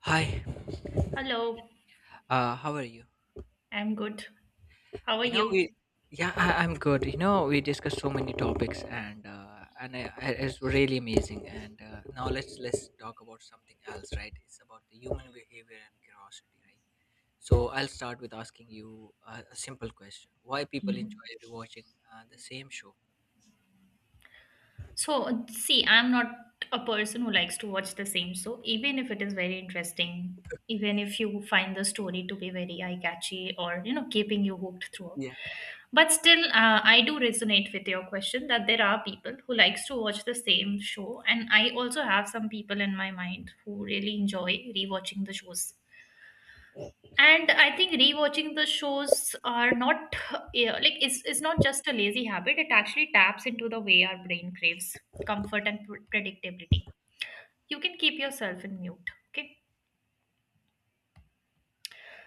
Hi, Hello, how are you? I'm good. How are You know, you? we, yeah, I, I'm good. You know, we discussed so many topics, and it's really amazing. And Now let's talk about something else, right? It's about the human behavior and curiosity, right? So I'll start with asking you a simple question: why people Mhm. enjoy rewatching the same show? So, see, I'm not a person who likes to watch the same show, even if it is very interesting, even if you find the story to be very eye-catchy or, keeping you hooked throughout. Yeah, But still, I do resonate with your question that there are people who likes to watch the same show, and I also have some people in my mind who really enjoy rewatching the shows. And I think rewatching the shows are not yeah, like it's not just a lazy habit. It actually taps into the way our brain craves comfort and predictability. You can keep yourself in mute. Okay.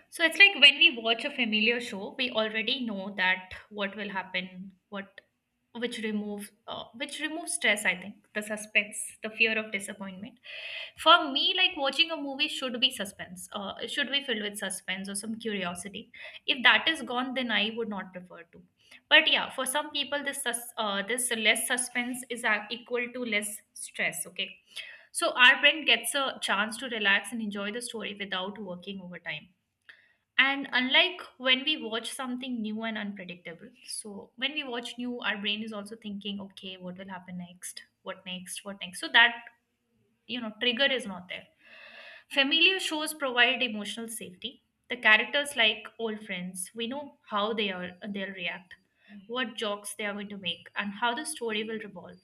So it's like when we watch a familiar show, we already know that what will happen, what which removes stress. I think the suspense, the fear of disappointment, for me, like, watching a movie should be suspense. It should be filled with suspense or some curiosity. If that is gone, then I would not prefer to. But yeah, for some people this this less suspense is equal to less stress. Okay, so our brain gets a chance to relax and enjoy the story without working overtime, and unlike when we watch something new and unpredictable. So when we watch new, our brain is also thinking, okay, what will happen next, what next, what next, so that trigger is not there. Familiar shows provide emotional safety. The characters, like old friends, we know how they are, they'll react, what jokes they are going to make, and how the story will revolve.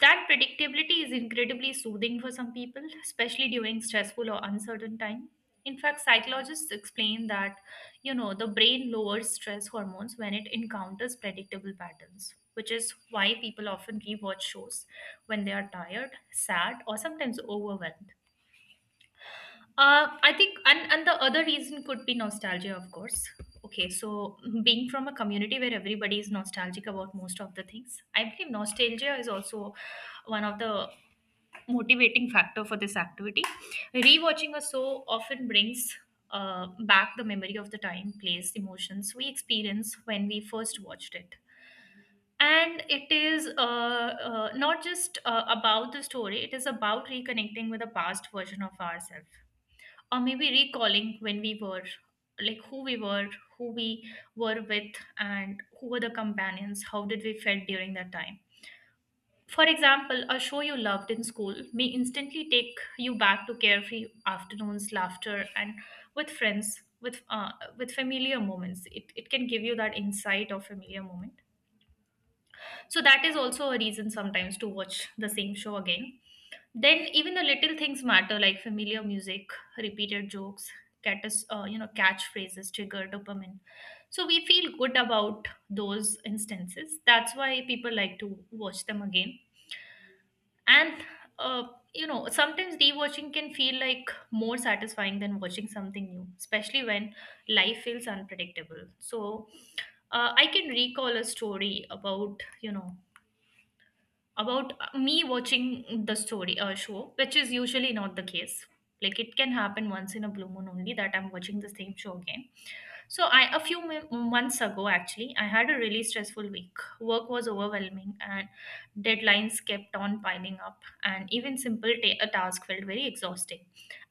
That predictability is incredibly soothing for some people, especially during stressful or uncertain time. In fact, psychologists explain that, the brain lowers stress hormones when it encounters predictable patterns, which is why people often rewatch shows when they are tired, sad, or sometimes overwhelmed. I think and the other reason could be nostalgia, of course. Okay, so being from a community where everybody is nostalgic about most of the things, I believe nostalgia is also one of the motivating factor for this activity. Rewatching a show often brings back the memory of the time, place, emotions we experienced when we first watched it. And it is not just about the story, it is about reconnecting with a past version of ourselves, or maybe recalling when we were, like, who we were, who we were with, and who were the companions, how did we felt during that time. For example, a show you loved in school may instantly take you back to carefree afternoons, laughter, and with friends, with uh, with familiar moments. It can give you that insight of familiar moment. So that is also a reason sometimes to watch the same show again. Then even the little things matter, like familiar music, repeated jokes, catchphrases trigger dopamine. So we feel good about those instances. That's why people like to watch them again. And uh, Sometimes rewatching can feel like more satisfying than watching something new, especially when life feels unpredictable. So I can recall a story about about me watching the story show, which is usually not the case. Like, it can happen once in a blue moon only that I'm watching the same show again. So I, a few months ago, actually, I had a really stressful week. Work was overwhelming and deadlines kept on piling up, and even simple a task felt very exhausting,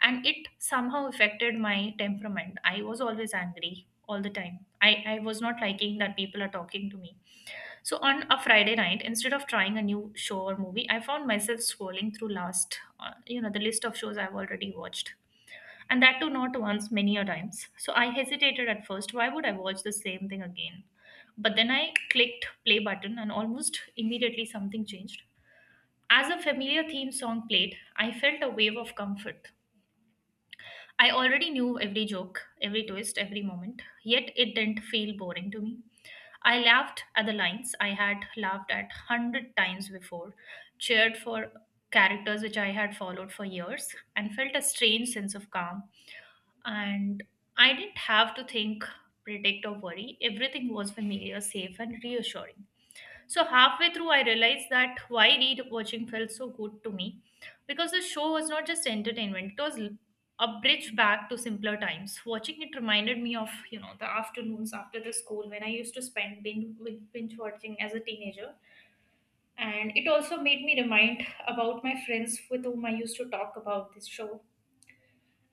and it somehow affected my temperament. I was always angry all the time. I was not liking that people are talking to me. So on a Friday night, instead of trying a new show or movie, I found myself scrolling through last, the list of shows I've already watched. And that too not once, many a times. So I hesitated at first, why would I watch the same thing again? But then I clicked play button, and almost immediately something changed. As a familiar theme song played, I felt a wave of comfort. I already knew every joke, every twist, every moment, yet it didn't feel boring to me. I laughed at the lines I had laughed at hundred times before, cheered for characters which I had followed for years, and felt a strange sense of calm. And I didn't have to think, predict, or worry. Everything was familiar, safe, and reassuring. So halfway through, I realized that why watching felt so good to me, because the show was not just entertainment; it was a bridge back to simpler times. Watching it reminded me of, you know, the afternoons after the school when I used to spend binge watching as a teenager, and it also made me remind about my friends with whom I used to talk about this show,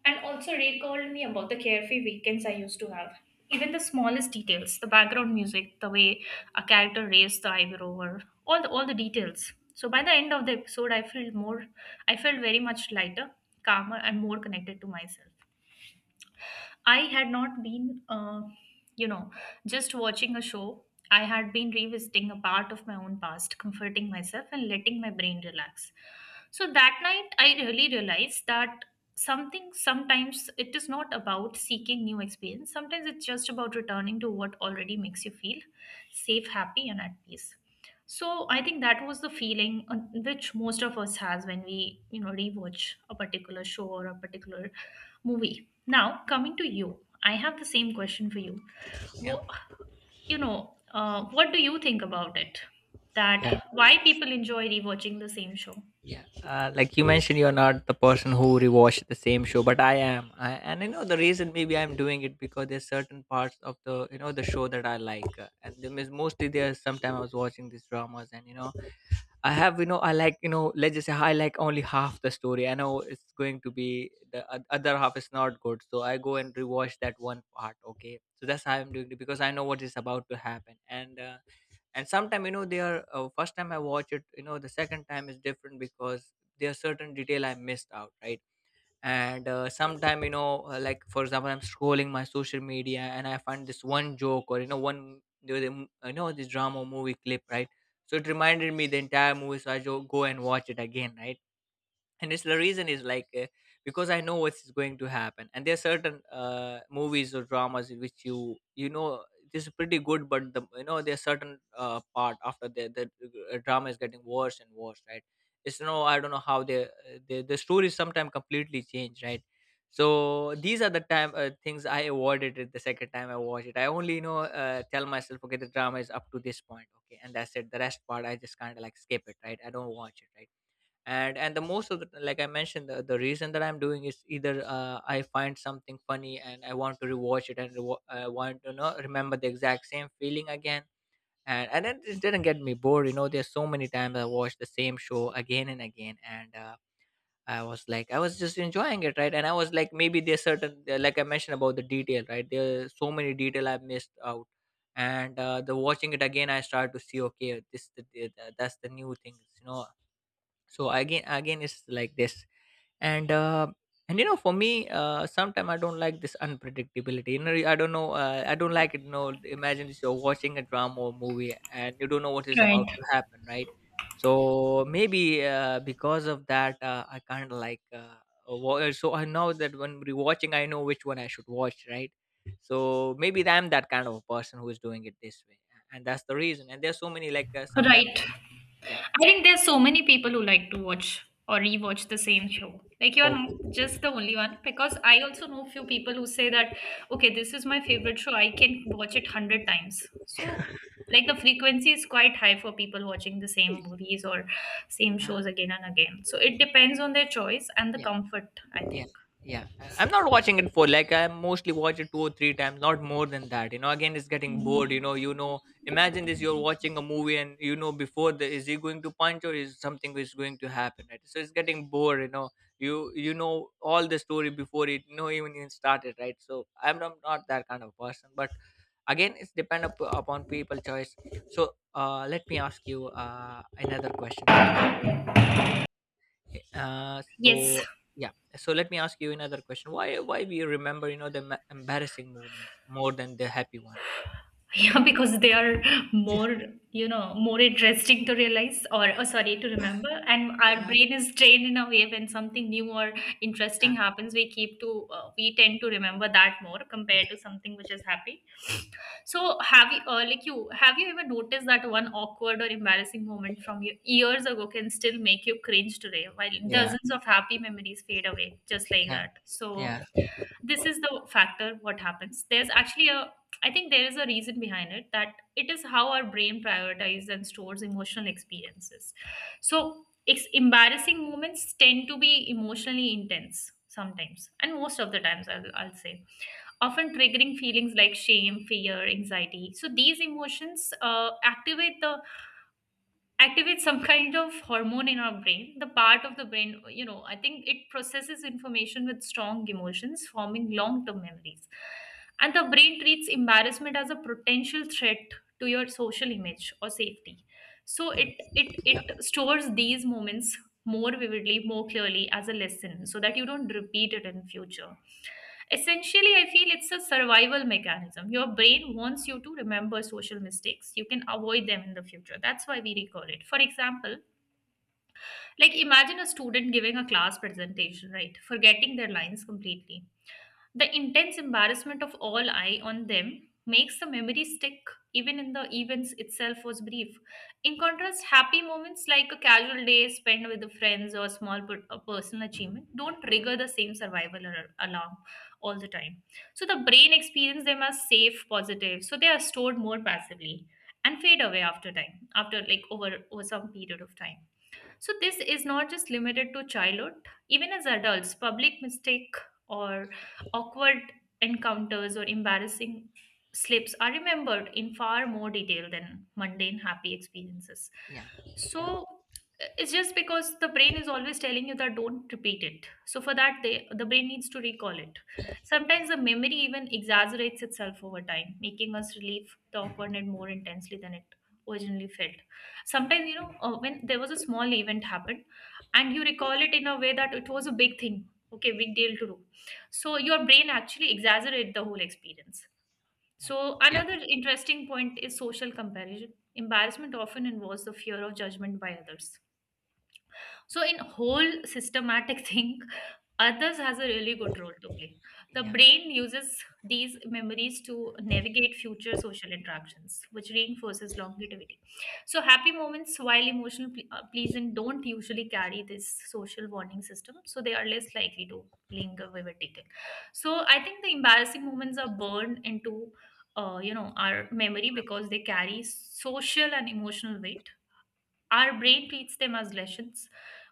and also recalled me about the carefree weekends I used to have. Even the smallest details, the background music, the way a character raised the eyebrow, or all the details. So by the end of the episode, I felt more, I felt very much lighter, calmer, and more connected to myself. I had not been, you know, just watching a show. I had been revisiting a part of my own past, comforting myself and letting my brain relax. So that night, I really realized that something, sometimes it is not about seeking new experience, sometimes it's just about returning to what already makes you feel safe, happy, and at peace. So I think that was the feeling which most of us has when we, rewatch a particular show or a particular movie. Now, coming to you, I have the same question for you. yeah, What, what do you think about it? That yeah. why people enjoy rewatching the same show? Yeah, like you mentioned, you're not the person who rewatch the same show, but I am. And you know the reason maybe I'm doing it because there's certain parts of the the show that I like, and there is mostly there's sometime I was watching these dramas, and you know I have you know I like you know let's just say I like only half the story. I know it's going to be the other half is not good, so I go and rewatch that one part. Okay, so that's how I'm doing it because I know what is about to happen, and. And sometime you know they are first time I watch it, you know the second time is different because there are certain detail I missed out, right? And sometime you know like for example I'm scrolling my social media and I find this one joke or you know one you know this drama movie clip, right? So it reminded me the entire movie, so I go and watch it again, right? And it's the reason is like, because I know what's going to happen, and there are certain movies or dramas in which you know this is pretty good but the you know there's certain part after the drama is getting worse and worse, right? It's no I don't know how they the story sometimes completely change, right? So these are the time things I avoided it. The second time I watched it, I only you know tell myself okay the drama is up to this point, okay, and that's it. The rest part I just kind of like skip it, right? I don't watch it, right? And the most of the, like I mentioned, the reason that I'm doing is either I find something funny and I want to rewatch it, and I want to know, remember the exact same feeling again. And it just didn't get me bored. You know there's so many times I watched the same show again and again, and I was like I was just enjoying it, right? And I was like maybe there's certain like I mentioned about the detail, right? There's so many detail I've missed out. And the watching it again I start to see, okay this that's the new things, you know. So again again it's like this. And uh, and you know for me sometimes I don't like this unpredictability, you know. I don't know, I don't like it, you know. Imagine this, you're watching a drama or movie and you don't know what is about Right, to happen, right? So maybe because of that I kind of like, so I know that when we're watching, I know which one I should watch, right? So maybe I'm that kind of a person who is doing it this way, and that's the reason. And there's so many like sometimes right. yeah. I think there's so many people who like to watch or rewatch the same show. Like, you're Oh, not just the only one, because I also know few people who say that, okay, this is my favorite show, I can watch it hundred times. So like the frequency is quite high for people watching the same movies or same yeah, shows again and again. So it depends on their choice and the yeah. comfort, I Yeah, think. yeah, I'm not watching it for like I mostly watch it two or three times, not more than that, you know. Again it's getting bored, you Mhm. know, you know imagine this, you're watching a movie and you know before the is he going to punch or is something is going to happen, right? So it's getting bored, you know. You know all the story before it, you know, even started, right? So I'm not that kind of person. But again it's depend upon people choice. So uh, let me ask you another question as well. Yes. So yeah. So let me ask you another question. Why we remember you know the embarrassing moments more than the happy one? Yeah, because they are more, you know, more interesting to realize, or, oh, sorry, to remember. And our Yeah, brain is trained in a way, when something new or yeah, interesting happens, we keep to, we tend to remember that more compared to something which is happy. So, have you, have you ever noticed that one awkward or embarrassing moment from your years ago can still make you cringe today, while yeah. dozens of happy memories fade away just like Yeah. that? So, Yeah. this is the factor, what happens. There's actually a, I think there is a reason behind it, that it is how our brain prioritizes and stores emotional experiences. So embarrassing moments tend to be emotionally intense sometimes, and most of the times, I'll say, often triggering feelings like shame, fear, anxiety. So these emotions activates some kind of hormone in our brain, the part of the brain, you know, I think it processes information with strong emotions, forming long term memories. And the brain treats embarrassment as a potential threat to your social image or safety, so it Mm. it it stores these moments more vividly, more clearly, as a lesson, so that you don't repeat it in future. Essentially, I feel it's a survival mechanism. Your brain wants you to remember social mistakes. You can avoid them in the future. That's why we recall it. For example, like, imagine a student giving a class presentation, right, forgetting their lines completely. The intense embarrassment of all eye on them makes the memory stick, even in the events itself was brief. In contrast, happy moments like a casual day spent with the friends, or small a personal achievement, don't trigger the same survival alarm all the time. So the brain experience them as safe, positive, so they are stored more passively and fade away after time, after, like, over some period of time. So this is not just limited to childhood. Even as adults, public mistake, or awkward encounters, or embarrassing slips are remembered in far more detail than mundane happy experiences. Yeah. Yeah. So it's just because the brain is always telling you that don't repeat it. So for that, the brain needs to recall it. Sometimes the memory even exaggerates itself over time, making us relive the awkwardness more intensely than it originally felt. Sometimes when there was a small event happened and you recall it in a way that it was a big thing, okay, big deal to do. So your brain actually exaggerate the whole experience. Yeah. So Yeah. another interesting point is social comparison. Embarrassment often involves the fear of judgment by others. So in whole systematic thing, others has a really good role to play. The Yeah. brain uses these memories to navigate future social interactions, which reinforces longevity. So happy moments, while pleasant, don't usually carry this social warning system, so they are less likely to linger vivid detail. So I think the embarrassing moments are burned into our memory because they carry social and emotional weight. Our brain treats them as lessons,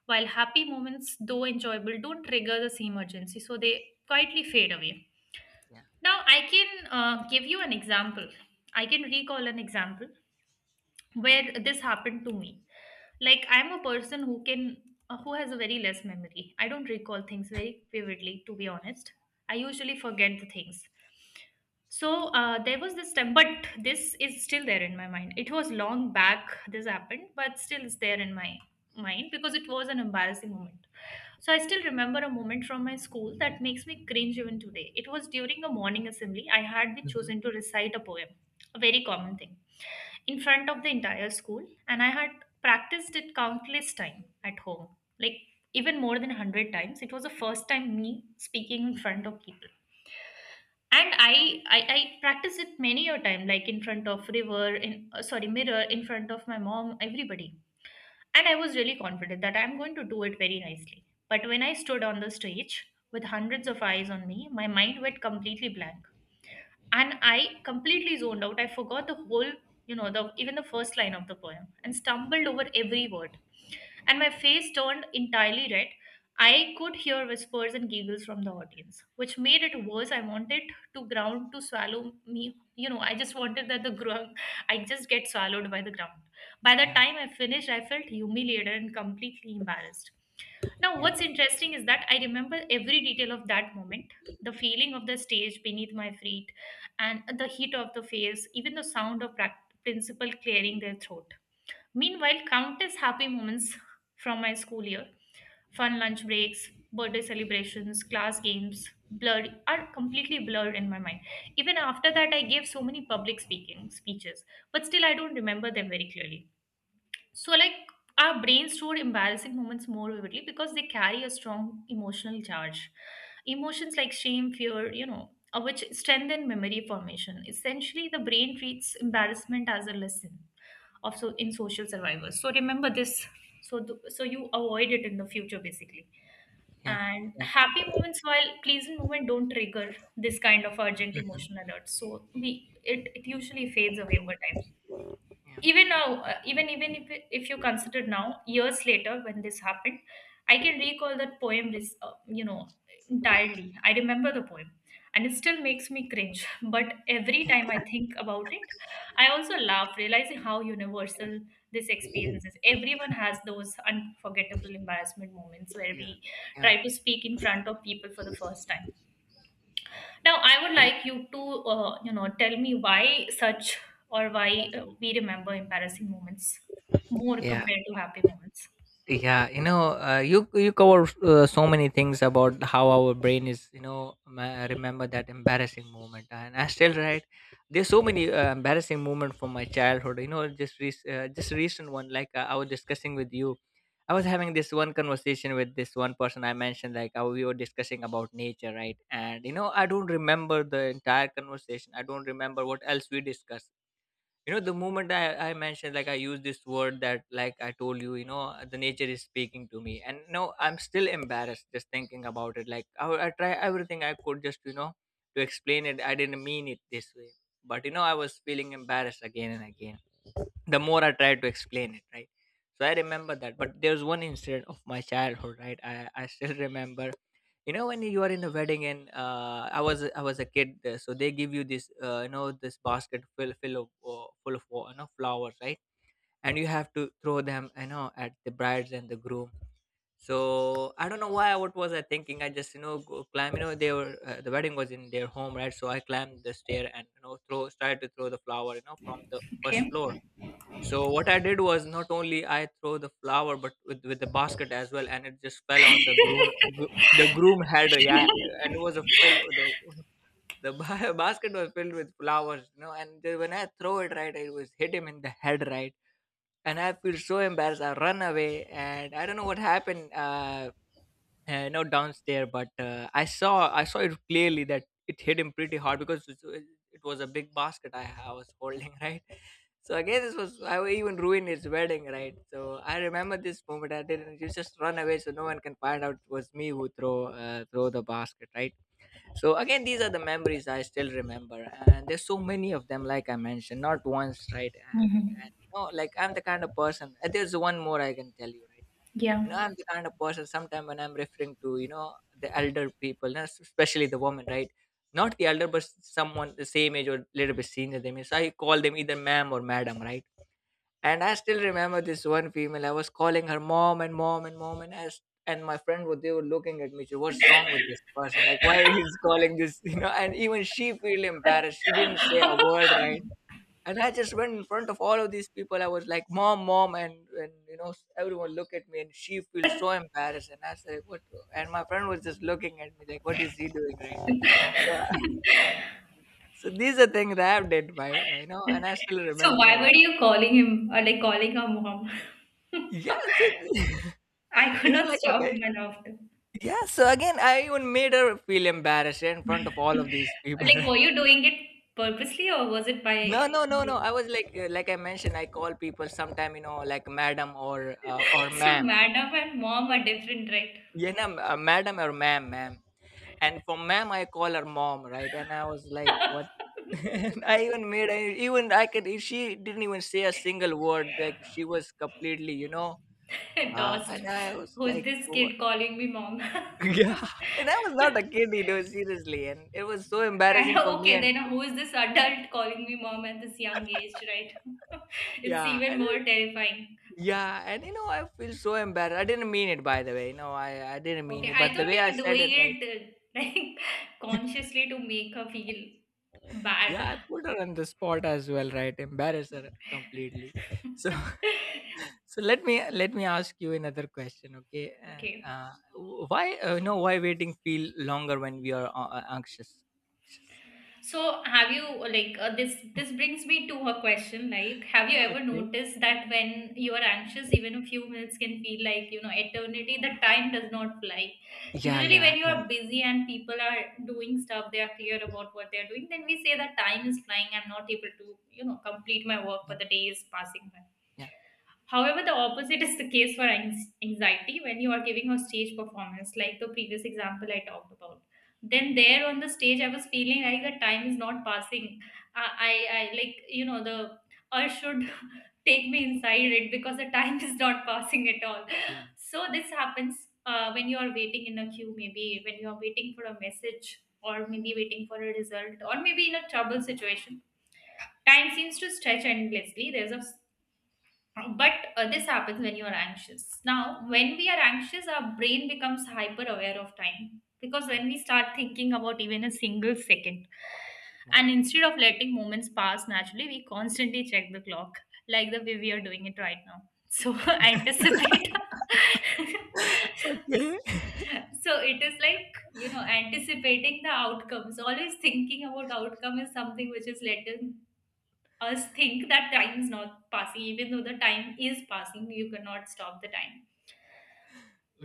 while happy moments, though enjoyable, don't trigger the same urgency, so they quietly fade away. Yeah. Now, I can give you an example. I can recall an example where this happened to me. Like, I'm a person who can who has a very less memory. I don't recall things very vividly, to be honest. I usually forget the things. So there was this time, but this is still there in my mind. It was long back this happened, but still is there in my mind because it was an embarrassing moment. So I still remember a moment from my school that makes me cringe even today. It was during a morning assembly, I had been Hmm. chosen to recite a poem, a very common thing, in front of the entire school, and I had practiced it countless time at home, like even more than 100 times. It was the first time me speaking in front of people, and I practiced it many a time, like in front of river in sorry mirror, in front of my mom, everybody. And I was really confident that I'm going to do it very nicely, but when I stood on the stage with hundreds of eyes on me, my mind went completely blank and I completely zoned out. I forgot the whole, you know, the even the first line of the poem and stumbled over every word. And my face turned entirely red. I could hear whispers and giggles from the audience, which made it worse. I wanted to ground to swallow me. You know, I just wanted that the ground, I just get swallowed by the ground. By the Yeah. time I finished, I felt humiliated and completely embarrassed. Now, Yeah. what's interesting is that I remember every detail of that moment: the feeling of the stage beneath my feet, and the heat of the face, even the sound of principal clearing their throat. Meanwhile, countless happy moments from my school year, fun lunch breaks, birthday celebrations, class games, blurred are completely blurred in my mind. Even after that, I gave so many public speaking speeches, but still, I don't remember them very clearly. So, like, our brains store embarrassing moments more vividly because they carry a strong emotional charge. Emotions like shame, fear, you know, which strengthen memory formation. Essentially, the brain treats embarrassment as a lesson of, so, in social survival. So remember this. So so you avoid it in the future, basically. Yeah. And Yeah. happy moments, while pleasant moment, don't trigger this kind of urgent Hmm. emotional alert. So it usually fades away over time. Yeah. Even now, even if you consider now years later when this happened, I can recall that poem is you know entirely. I remember the poem, and it still makes me cringe. But every time I think about it, I also laugh, realizing how universal this experience is. Everyone has those unforgettable embarrassment moments where Yeah. we Yeah. try to speak in front of people for the first time. Now, I would like you to, tell me why such, or why we remember embarrassing moments more Yeah. compared to happy moments. Yeah, you know, you you cover so many things about how our brain is you know remember that embarrassing moment. And I still, right? There's so many embarrassing moment from my childhood, you know. Just just recent one, like I was discussing with you, I was having this one conversation with this one person. I mentioned like how we were discussing about nature, right? And you know I don't remember the entire conversation, I don't remember what else we discussed. You know, the moment I mentioned like I use this word that like I told you, you know, the nature is speaking to me, and no I'm still embarrassed just thinking about it. Like I try everything I could just you know to explain it, I didn't mean it this way. But you know I was feeling embarrassed again and again the more I tried to explain it, right? So I remember that. But there's one incident of my childhood, right? I still remember. You know when you are in a wedding, and I was a kid, so they give you this you know this basket full of you know flowers, right? And you have to throw them you know at the brides and the groom. So I don't know why, what was I thinking. I just you know go climb, you know they were the wedding was in their home, right? So I climbed the stair and you know throw started to throw the flower you know from the first Okay. floor. So what I did was not only I throw the flower, but with the basket as well, and it just fell on the groom. The groom had, yeah, and it was a fill. The basket was filled with flowers, you know. And then when I throw it, right, it was hit him in the head, right, and I feel so embarrassed. I run away, and I don't know what happened. No downs there, but I saw it clearly that it hit him pretty hard, because it was a big basket. I was holding right? So again, this was I even ruined his wedding, right? So I remember this moment. I didn't, you just run away so no one can find out it was me who throw, throw the basket, right? So again, these are the memories I still remember. And there's so many of them, like I mentioned, not once, right? and, Hmm. and you know like I'm the kind of person, and there's one more I can tell you, right? Yeah. You know, I'm the kind of person sometimes when I'm referring to, you know, the elder people, and especially the woman, right? Not the elder, but someone the same age or little bit senior than me. So I call them either ma'am or madam, right? And I still remember this one female. I was calling her mom and mom and mom, and as and my friend would, they were looking at me. What's wrong with this person? Like why he's calling this? You know, and even she feel embarrassed. She didn't say a word, right? And I just went in front of all of these people. I was like, "Mom, mom," and you know, everyone look at me, and she feels so embarrassed. And I said, "What?" And my friend was just looking at me like, "What is he doing?" Right? So, so these are things that I've did, by you know, and I still So why remember. were you calling him, or like, calling our mom? Yes, it, I could you know, not like a stop very, my laughter. yeah. So again, I even made her feel embarrassed in front of all of these people. Like, were Right? you doing it purposely, or was it No, by no, no, no. mistake? I was like I mentioned, I call people sometime, you know, like madam or So ma'am. madam and mom are different, You know, madam or ma'am. And for ma'am, I call her mom, right? And I was like, right? what? And I even made, I could. She didn't even say a single word. Like she was completely, you know. Lost. And I was Who's like, this kid calling me mom? And Yeah. And I was not a kid, you know, seriously. And it was so embarrassing for me. okay, And then who is this adult calling me mom at this young age, right? It's yeah, even more terrifying. yeah, and you know, I feel so embarrassed. I didn't mean it, by the way. No, I didn't mean Okay, it. I But the thought way you I were said doing it, right? it like consciously to make her feel Yeah, bad. I put her on the spot as well, right? Embarrass her completely. So, so let me ask you another question, okay? And Okay. W- why, no, why waiting feel longer when we are anxious? So have you like this brings me to a question, like, have you Anxious. ever Okay. noticed that when you are anxious, even a few minutes can feel like, you know, eternity? The time does not fly Yeah, usually when yeah, you yeah, are busy and people are doing stuff, they are clear about what they are doing. Then we say that time is flying, I'm not able to, you know, complete my work, yeah, but the day is passing by. yeah. However, the opposite is the case for anxiety. When you are giving a stage performance, like the previous example I talked about, then there on the stage, I was feeling like the time is not passing. I like, you know, the urge should take me inside it because the time is not passing at all. Yeah. So this happens when you are waiting in a queue, maybe when you are waiting for a message, or maybe waiting for a result, or maybe in a trouble situation. Time seems to stretch endlessly. There's a, but this happens when you are anxious. Now when we are anxious, our brain becomes hyper aware of time, because Yeah. when we start thinking about even a single second, Yeah. and instead of letting moments pass naturally, we constantly check the clock, like the way we are doing it right now. So anticipate, Okay. so it is like, you know, anticipating the outcomes, always thinking about outcome is something which is later, us think that time is not passing, even though the time is passing, you cannot stop the time.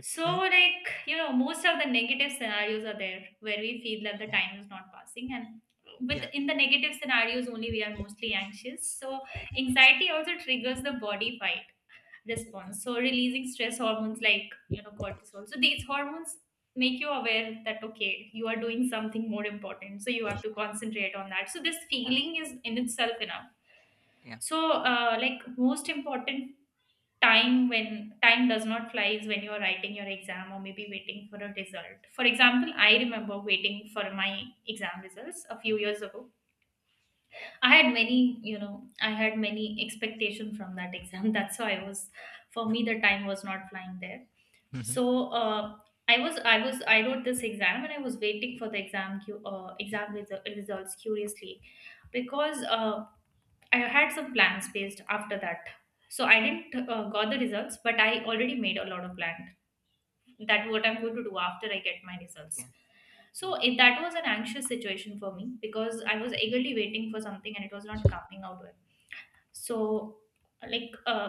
So, like, you know, most of the negative scenarios are there where we feel that the Yeah. time is not passing, and with Yeah. in the negative scenarios only, we are mostly anxious. So anxiety also triggers the body fight response, so releasing stress hormones like, you know, cortisol. So these hormones make you aware that, okay, you are doing something more important, so you have to concentrate on that. So this feeling is in itself enough. Yeah. Yeah. So like, most important time when time does not fly is when you're writing your exam, or maybe waiting for a result. For example, I remember waiting for my exam results a Yeah. few years ago. I had many, you know, I had many expectation from that exam, that's why I was, for me the time was not flying there. Mhm. So I was I wrote this exam, and I was waiting for the exam Yeah. Results curiously, because I had some plans based after that. So I didn't got the results, but I already made a lot of plan that what I'm going to do after I get my results. Yeah. So it, that was an anxious situation for me, because I was eagerly waiting for something and it was not coming out well. So, like uh,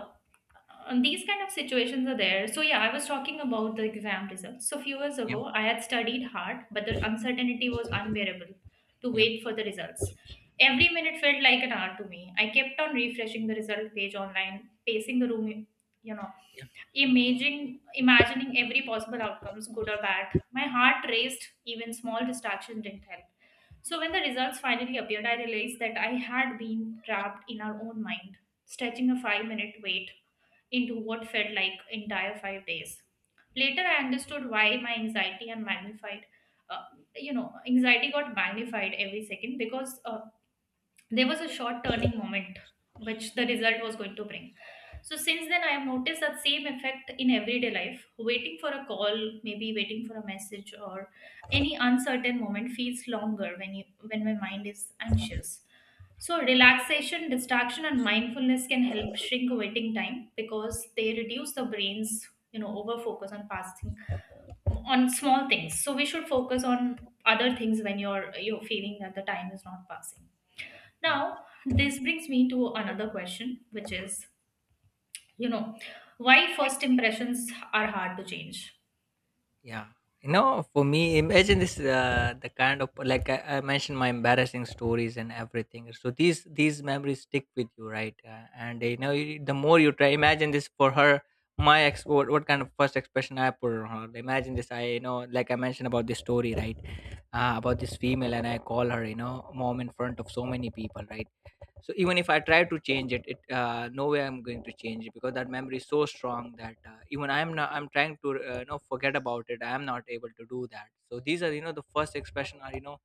uh, these kind of situations are there. So yeah, I was talking about the exam results. So few years Yeah. ago, I had studied hard, but the uncertainty was unbearable to Yeah. wait for the results. Every minute felt like an hour to me. I kept on refreshing the result page online, pacing the room, you know, Yeah. Imagining every possible outcomes, good or bad. My heart raced, even small distractions didn't help. So when the results finally appeared, I realized that I had been trapped in our own mind, stretching a 5 minute wait into what felt like entire five days. Later, I understood why my anxiety and magnified, uh, anxiety got magnified every second, because there was a short turning moment which the result was going to bring. So since then, I have noticed that same effect in everyday life. Waiting for a call, maybe waiting for a message, or any uncertain moment feels longer when you when my mind is anxious. So relaxation, distraction, and mindfulness can help shrink waiting time because they reduce the brain's, you know, over focus on past thing, on small things. So we should focus on other things when you're feeling that the time is not passing. Yeah. Now, this brings me to another question, which is, you know, why first impressions are hard to change? Yeah. For me, imagine this the kind of like I mentioned my embarrassing stories and everything. So these memories stick with you, right? And you know, you, The more you try, imagine this for her. My ex, what kind of first expression I put on her? Imagine this. Like I mentioned about this story, right? About this female, and I call her, mom in front of so many people, right? So even if I try to change it, no way I'm going to change it, because that memory is so strong that even I'm not I'm trying to forget about it. I'm not able to do that. So these are, the first expression are,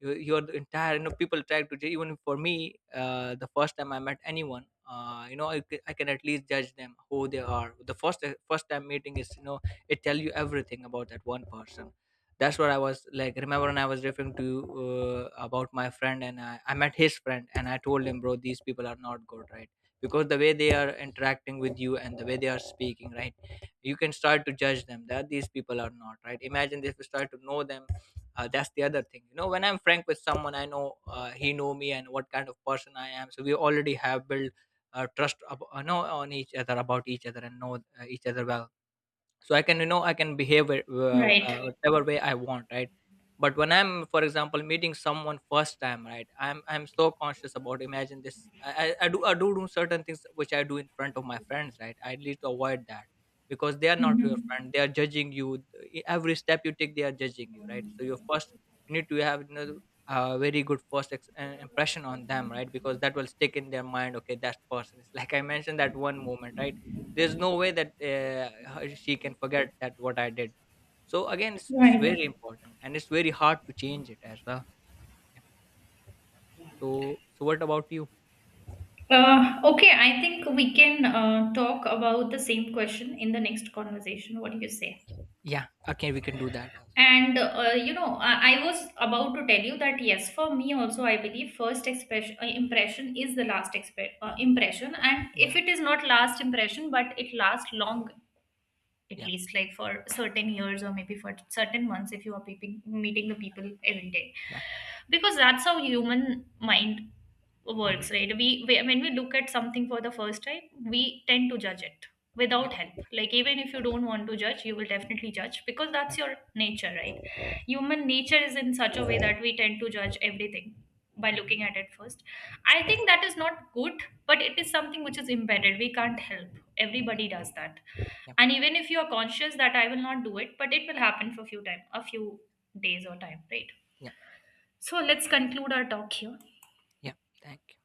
your entire, people try to even for me, the first time I met anyone, I can at least judge them who they are. The first first time meeting is, it tell you everything about that one person. That's what I was like, remember when I was referring to you, about my friend, and I met his friend, and I told him, bro, these people are not good, right? Because the way they are interacting with you, and the way they are speaking, right? You can start to judge them that these people are not right. Imagine if you start to know them. That's the other thing, when I'm frank with someone I know, he know me and what kind of person I am, so we already have built trust know on each other, about each other, and know each other well. So I can, I can behave Right. whatever way I want, right? But when I'm, for example, meeting someone first time, right, I'm so conscious about, imagine this, I do do certain things which I do in front of my friends, right? I need to avoid that, because they are not your Mhm. friend, they are judging you. Every step you take, they are judging you, right? So your first, you need to have, a very good first impression on them, right? Because that will stick in their mind, okay, that person is like, I mentioned that one moment, right? There's no way that she can forget that, what I did. So again, it's very Right. important, and it's very hard to change it as well. Yeah. So, so what about you? Okay, I think we can talk about the same question in the next conversation. What do you say? Yeah, okay, we can do that. And you know, I was about to tell you that yes, for me also, I believe first expression, impression is the last impression, and if Yeah. it is not last impression, but it lasts long. At Yeah. least like for certain years, or maybe for certain months, if you are peeping, meeting the people every day. Yeah. Because that's how human mind Mm-hmm. works, right? We when we look at something for the first time, we tend to judge it Yeah. without help. Like, even if you don't want to judge, you will definitely judge, because Yeah. that's your nature, right? Human nature is in such a way Hmm. that we tend to judge everything by looking at it first. I Yeah. think that is not good, but it is something which is embedded, we can't help. Everybody does that. Yeah. And even if you are conscious that I will not do it, but it will happen for few time, a few days or time, right? Yeah. So let's conclude our talk here. Yeah. Thank